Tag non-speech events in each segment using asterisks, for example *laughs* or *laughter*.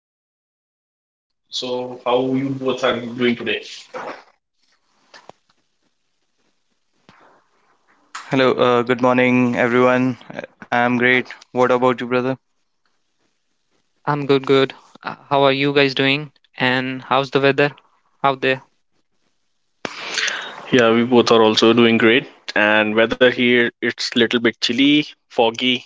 To my podcast. So, how you both are doing today? Hello, good morning, everyone. I'm great. What about you, brother? I'm good. How are you guys doing? And how's the weather out there? Yeah, we both are also doing great. And weather here, it's little bit chilly, foggy.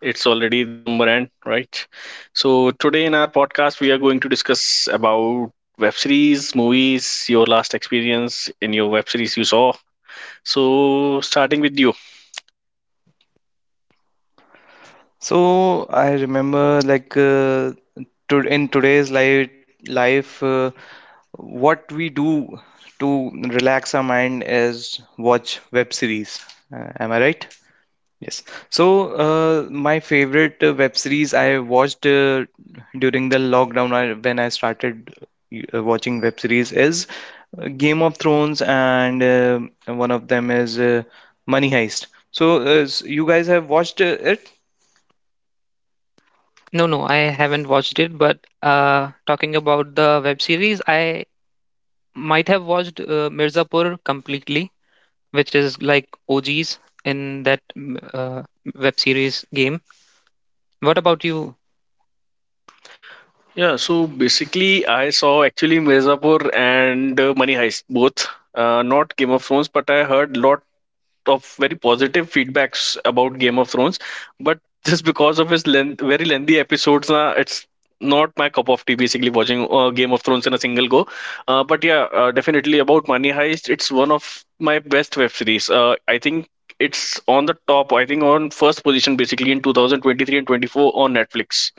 It's already December end, right? So today in our podcast, we are going to discuss about web series, movies, your last experience in your web series you saw. So starting with you. So I remember, like, to in today's life, what we do to relax our mind is watch web series. Am I right? Yes. So, my favorite web series I watched during the lockdown when I started watching web series is Game of Thrones, and one of them is Money Heist. So, you guys have watched it? No, no, I haven't watched it, but talking about the web series, I might have watched Mirzapur completely, which is like OGs in that web series game. What about you? Yeah, so basically, I saw actually Mirzapur and Money Heist both. Not Game of Thrones, but I heard lot of very positive feedbacks about Game of Thrones, but *laughs* just because of his length, very lengthy episodes, it's not my cup of tea. Basically, watching Game of Thrones in a single go. Definitely about Money Heist, it's one of my best web series. I think it's on the top. I think on first position basically in 2023 and 24 on Netflix.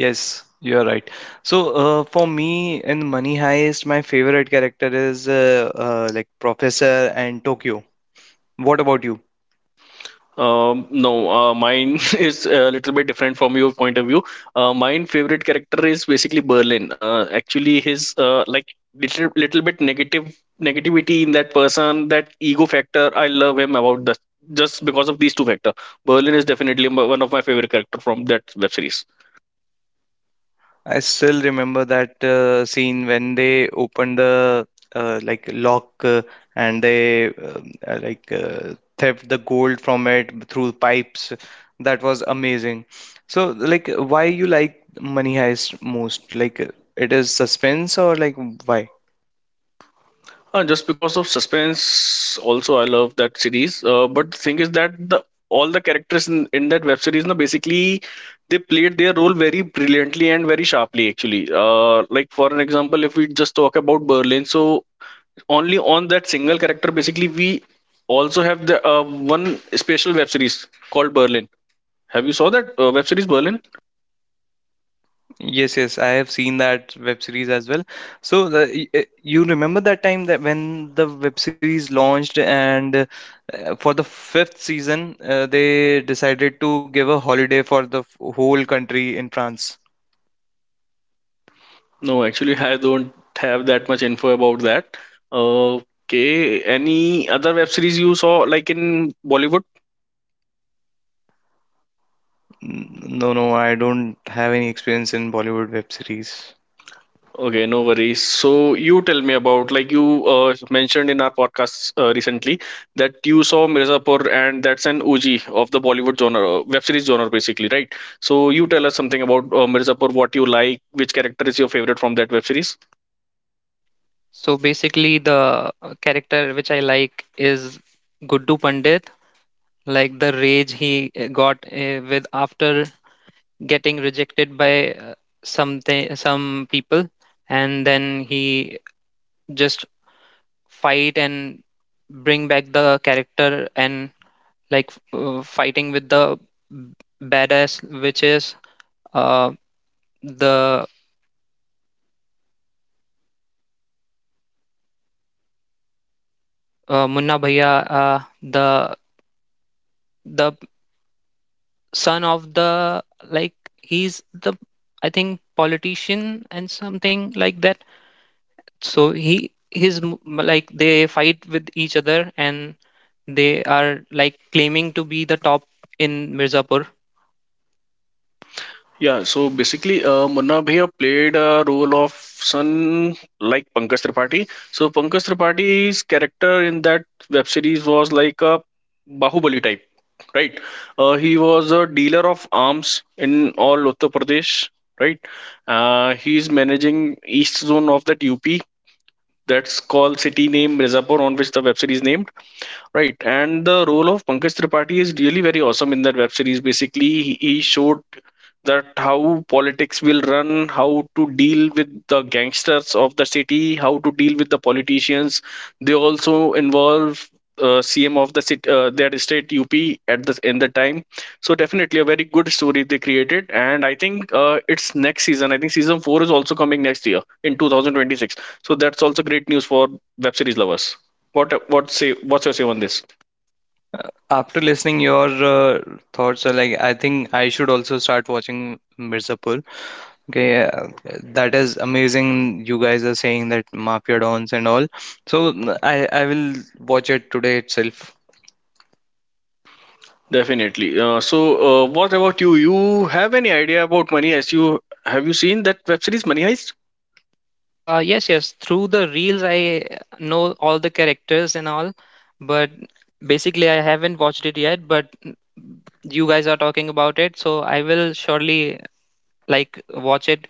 Yes, you are right. So, for me, in Money Heist, my favorite character is like Professor and Tokyo. What about you? No, Mine *laughs* is a little bit different from your point of view. Mine favorite character is basically Berlin. Actually, his like little bit negative negativity in that person, that ego factor. I love him about that just because of these two factor. Berlin is definitely one of my favorite character from that web series. I still remember that scene when they opened the like lock, and they like theft the gold from it through pipes. That was amazing. So like, why you like Money Heist most? Like, it is suspense or like why? Just because of suspense, also I love that series. But the thing is that the all the characters in that web series, na, basically they played their role very brilliantly and very sharply. Actually, like for an example, if we just talk about Berlin, so only on that single character, basically we also have the one special web series called Berlin. Have you saw that web series Berlin? Yes, yes, I have seen that web series as well. So you remember that time that when the web series launched, and for the fifth season, they decided to give a holiday for the whole country in France. No, actually, I don't have that much info about that. Okay, any other web series you saw like in Bollywood? No, no, I don't have any experience in Bollywood web series. Okay, no worries. So you tell me about like you mentioned in our podcast recently that you saw Mirzapur and that's an OG of the Bollywood genre, web series genre basically, right? So you tell us something about Mirzapur, what you like, which character is your favorite from that web series? So basically, the character which I like is Guddu Pandit, like the rage he got with after getting rejected by something some people, and then he just fight and bring back the character and like fighting with the badass which is uh, the Munna Bhaiya, the son of the like he's the I think politician and something like that, so like they fight with each other, and they are like claiming to be the top in Mirzapur. Yeah, so basically, Munna Bhaiya played a role of son like Pankaj Tripathi. So Pankaj Tripathi's character in that web series was like a Bahubali type, right? He was a dealer of arms in all Uttar Pradesh, right? He is managing east zone of that UP. That's called city name Mirzapur, on which the web series named. Right, and the role of Pankaj Tripathi is really very awesome in that web series. Basically, he showed that how politics will run, how to deal with the gangsters of the city, how to deal with the politicians. They also involve CM of the city, their state UP at the in the time. So definitely a very good story they created, and I think it's next season. I think season four is also coming next year in 2026. So that's also great news for web series lovers. What's your say on this? After listening your thoughts, like I think I should also start watching Mirzapur. Okay, that is amazing. You guys are saying that Mafia Dons and all. So I will watch it today itself. Definitely. So what about you? You have any idea about Money Heist? You seen that web series Money Heist? *laughs* Yes, yes. Through the reels, I know all the characters and all, but basically, I haven't watched it yet. But you guys are talking about it, so I will surely like watch it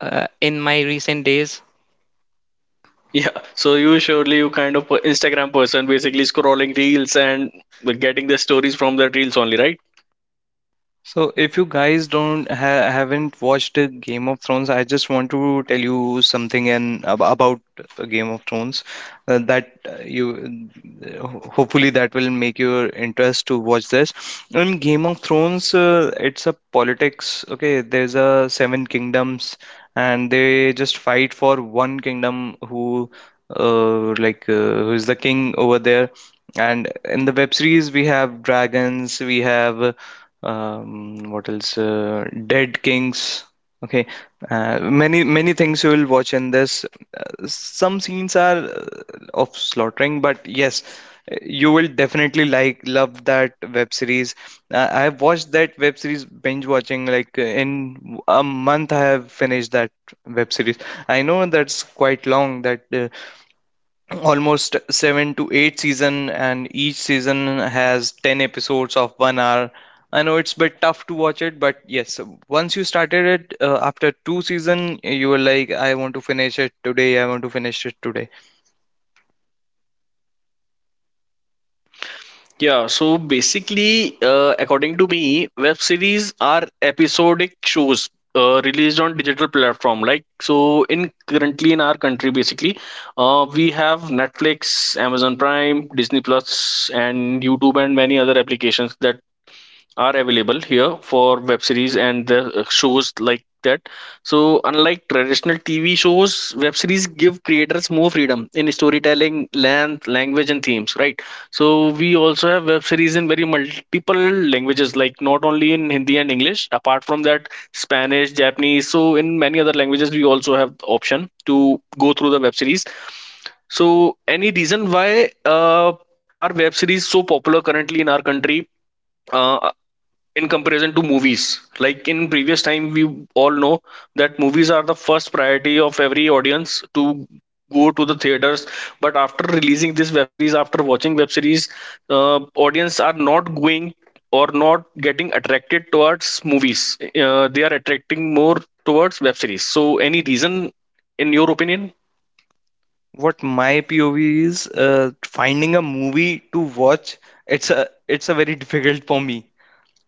in my recent days. Yeah. So you surely you kind of a Instagram person, basically scrolling reels and getting the stories from the reels only, right? So, if you guys don't ha haven't watched Game of Thrones, I just want to tell you something and ab about Game of Thrones, that you hopefully that will make your interest to watch this. In Game of Thrones, it's a politics. Okay, there's a seven kingdoms, and they just fight for one kingdom who is the king over there. And in the web series, we have dragons, we have, what else, Dead Kings, okay, many things you will watch in this. Some scenes are of slaughtering, but yes, you will definitely like love that web series. I have watched that web series binge watching, like in a month I have finished that web series. I know that's quite long, that almost seven to eight season, and each season has 10 episodes of one hour. I know it's a bit tough to watch it, but yes, once you started it, after two season you were like, I want to finish it today, I want to finish it today. Yeah, so basically, according to me, web series are episodic shows released on digital platform. Like so, in currently in our country, basically, we have Netflix, Amazon Prime, Disney Plus, and YouTube, and many other applications that are available here for web series and the shows like that, so unlike traditional TV shows, web series give creators more freedom in storytelling, length, language and themes, right? So we also have web series in very multiple languages, like not only in Hindi and English. Apart from that, Spanish, Japanese, so in many other languages we also have the option to go through the web series. So, any reason why are web series so popular currently in our country uh, in comparison to movies? Like in previous time, we all know that movies are the first priority of every audience to go to the theaters. But after releasing this web series, after watching web series, audience are not going or not getting attracted towards movies. They are attracting more towards web series. So, any reason in your opinion? What my POV is, finding a movie to watch. It's a very *laughs* difficult for me.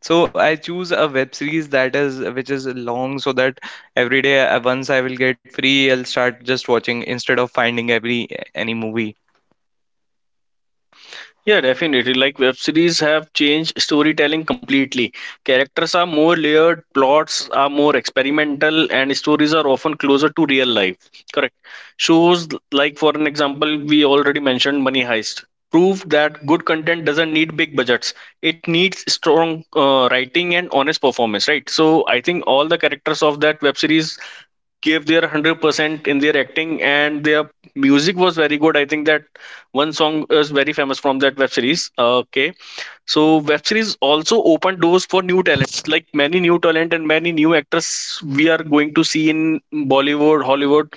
So I choose a web series that is, which is long, so that every day once I will get free, I'll start just watching instead of finding every any movie. Yeah, definitely. Like web series have changed storytelling completely. Characters are more layered, plots are more experimental, and stories are often closer to real life. Correct. Shows like, for an example, we already mentioned Money Heist prove that good content doesn't need big budgets. It needs strong writing and honest performance, right? So I think all the characters of that web series gave their 100% in their acting and their music was very good. I think that one song is very famous from that web series. Okay, so web series also open doors for new talents, like many new talent and many new actors we are going to see in Bollywood, Hollywood.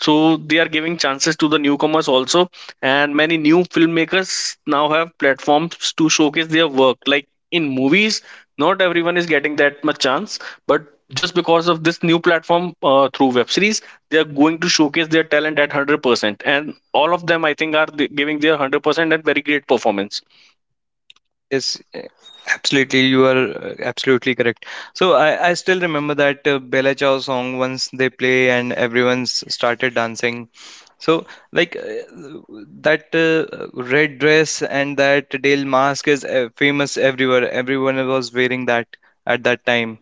So they are giving chances to the newcomers also, and many new filmmakers now have platforms to showcase their work. Like in movies, not everyone is getting that much chance, but just because of this new platform through web series, they are going to showcase their talent at 100%. And all of them, I think, are giving their 100% and very great performance. Yes, absolutely you are absolutely correct. So I still remember that Bella Ciao song once they play and everyone's started dancing. So like, that red dress and that Dale mask is famous everywhere. Everyone was wearing that at that time.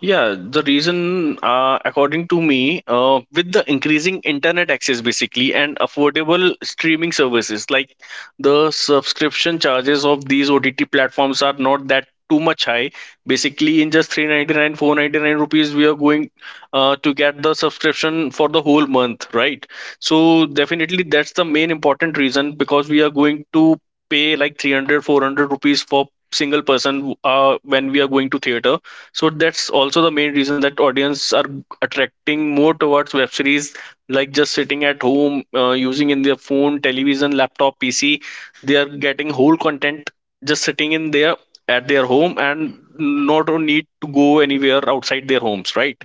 Yeah, the reason, according to me, with the increasing internet access basically and affordable streaming services, like the subscription charges of these OTT platforms are not that too much high. Basically, in just 399, 499 rupees, we are going to get the subscription for the whole month, right? So, definitely, that's the main important reason, because we are going to pay like 300, 400 rupees for single person when we are going to theater. So that's also the main reason that audience are attracting more towards web series, like just sitting at home, using in their phone, television, laptop, PC, they are getting whole content just sitting in there at their home and not need to go anywhere outside their homes, right?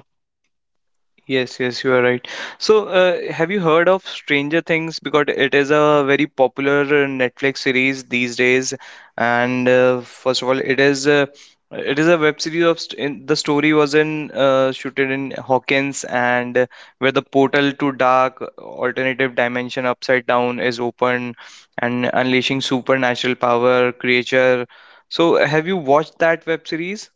Yes, yes, you are right. So, have you heard of Stranger Things? Because it is a very popular Netflix series these days. And First of all, it is a web series the story was in shooted in Hawkins, and where the portal to dark alternative dimension upside down is open, and unleashing supernatural power creature. So, have you watched that web series?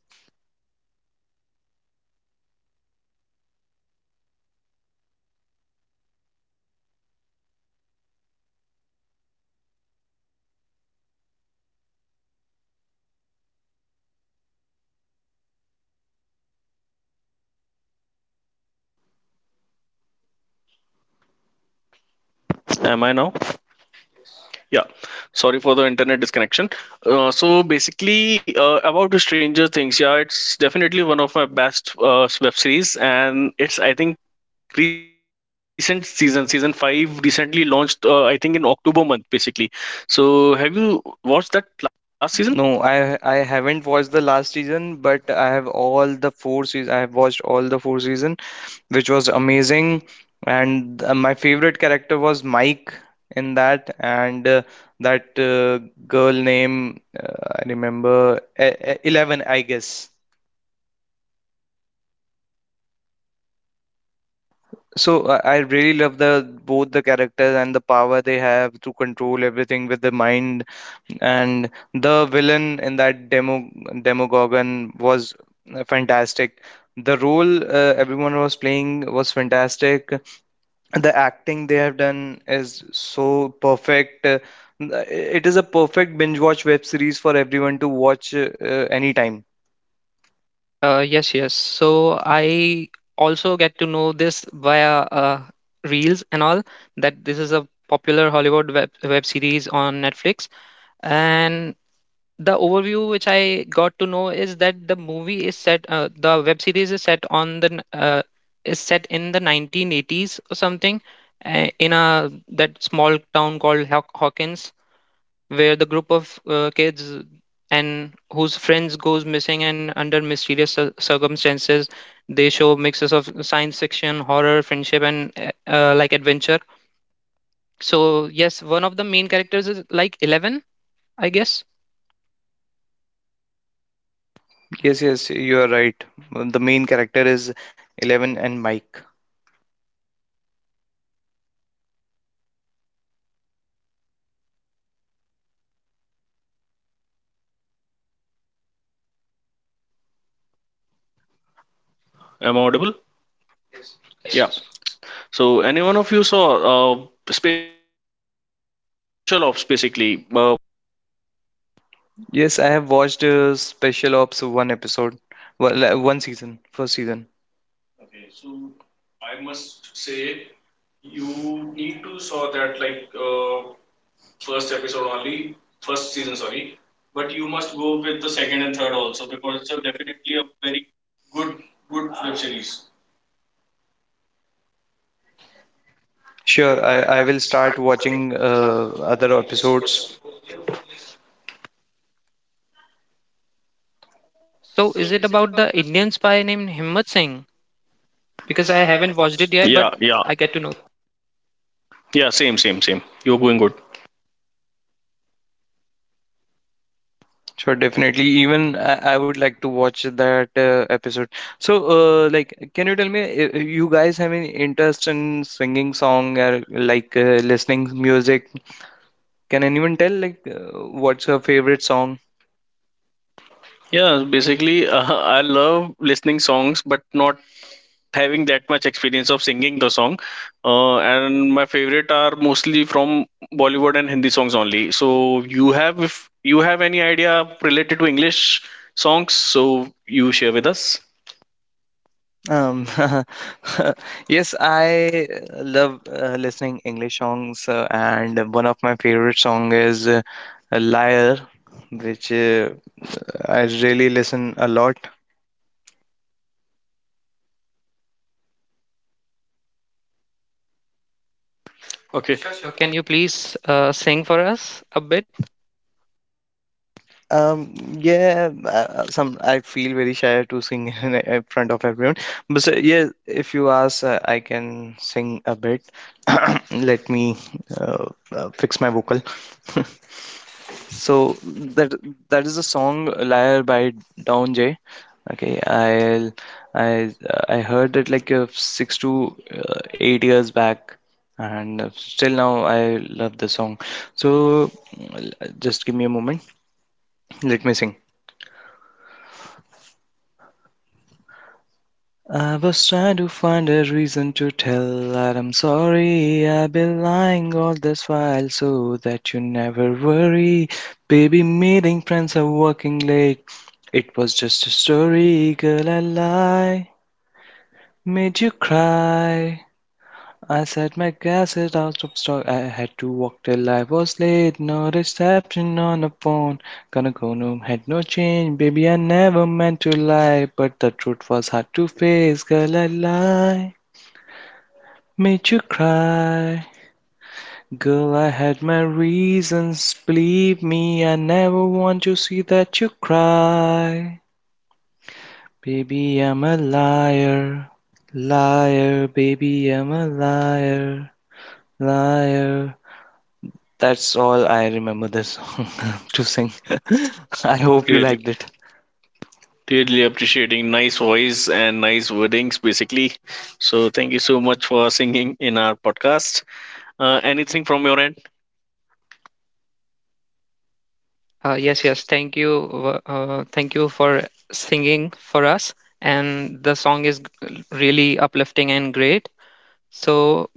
Am I now? Yeah. Sorry for the internet disconnection. So basically, about the Stranger Things, yeah, it's definitely one of my best web series, and it's I think recent season five recently launched. I think in October month, basically. So have you watched that last season? No, I haven't watched the last season, but I have all the four seasons. I have watched all the four season, which was amazing. And my favorite character was Mike in that, and that girl name I remember Eleven, I guess. So I really love the both the characters and the power they have to control everything with the mind, and the villain in that Demogorgon was fantastic. The role everyone was playing was fantastic. The acting they have done is so perfect. It is a perfect binge watch web series for everyone to watch, anytime. Yes, yes. So I also get to know this via reels and all that this is a popular Hollywood web series on Netflix, and the overview which I got to know is that the web series is set on the n- is set in the 1980s or something, in a that small town called Hawkins, where the group of kids and whose friends goes missing, and under mysterious circumstances, they show mixes of science fiction, horror, friendship, and like adventure. So yes, one of the main characters is like Eleven, I guess. Yes, yes, you are right. The main character is Eleven and Mike. Am I audible? Yes. Yeah. Yes. So, any one of you saw Special Ops basically? Yes, I have watched Special Ops one episode, well, one season, first season. Sure, I will start watching other episodes. So is it about the Indian spy named Himmat Singh? Because I haven't watched it yet, Yeah, but yeah, I get to know. yeah. Same, same, same. You're going good. Sure, definitely. Even I would like to watch that episode. So, like, can you tell me, you guys have any interest in singing song or like listening music? Can anyone tell, like, what's your favorite song? Yeah, basically, *laughs* I love listening songs, but not having that much experience of singing the song. And my favorite are mostly from Bollywood and Hindi songs only. So, you have if you have any idea related to English songs, so you share with us. Um, *laughs* yes, I love listening English songs, and one of my favorite song is "Liar," which I really listen a lot. Okay. Sure, sure. Can you please sing for us a bit? Yeah, some I feel very shy to sing *laughs* in front of everyone, but so, yeah, if you ask, I can sing a bit. *coughs* *clears throat* Let me uh, fix my vocal. *laughs* So that that is the song "Liar" by Down J. Okay, I I heard it like six to eight years back, and still now I love the song. So l- just give me a moment. Let me sing. I was trying to find a reason to tell that I'm sorry. I've been lying all this while so that you never worry. Baby, meeting friends are working late. It was just a story, girl. I lie, made you cry. I set my gas it out of stock. I had to walk till I was late. No reception on the phone. Gonna go home, had no change. Baby, I never meant to lie. But the truth was hard to face. Girl, I lie. Made you cry. Girl, I had my reasons. Believe me, I never want to see that you cry. Baby, I'm a liar. Liar, baby, I'm a liar. Liar. That's all I remember this song *laughs* to sing. *laughs* I hope you Yeah, liked it. really appreciating nice voice and nice wordings, basically. So, thank you so much for singing in our podcast. Anything from your end? Yes, yes. Thank you. Thank you for singing for us. And the song is really uplifting and great. So,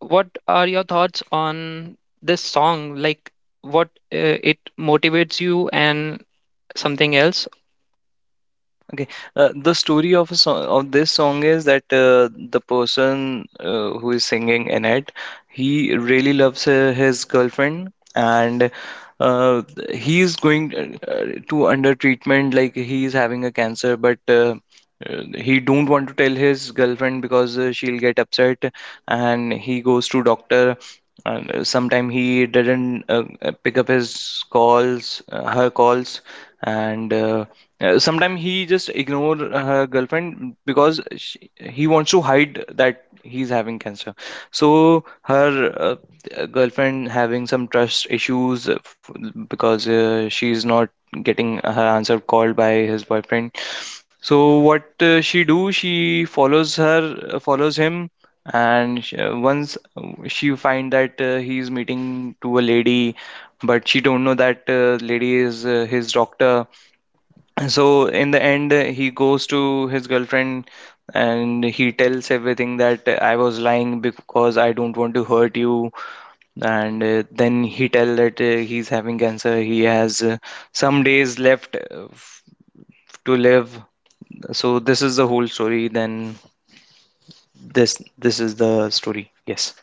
what are your thoughts on this song? Like, what it motivates you and something else? Okay, the story of a song of this song is that the person who is singing in it, he really loves his girlfriend, and uh, he is going to under treatment, like he is having a cancer, but he don't want to tell his girlfriend because she'll get upset, and he goes to doctor, and sometime he didn't pick up his calls, her calls, and sometime he just ignore her girlfriend because he wants to hide that he's having cancer. So her girlfriend having some trust issues, because she's not getting her answer called by his boyfriend. So what she do? She follows her, follows him, and sh once she find that he's meeting to a lady, but she don't know that lady is his doctor. So in the end, he goes to his girlfriend and he tells everything that I was lying because I don't want to hurt you, and then he tell that he's having cancer. He has some days left to live. So this is the whole story. Then this is the story. Yes.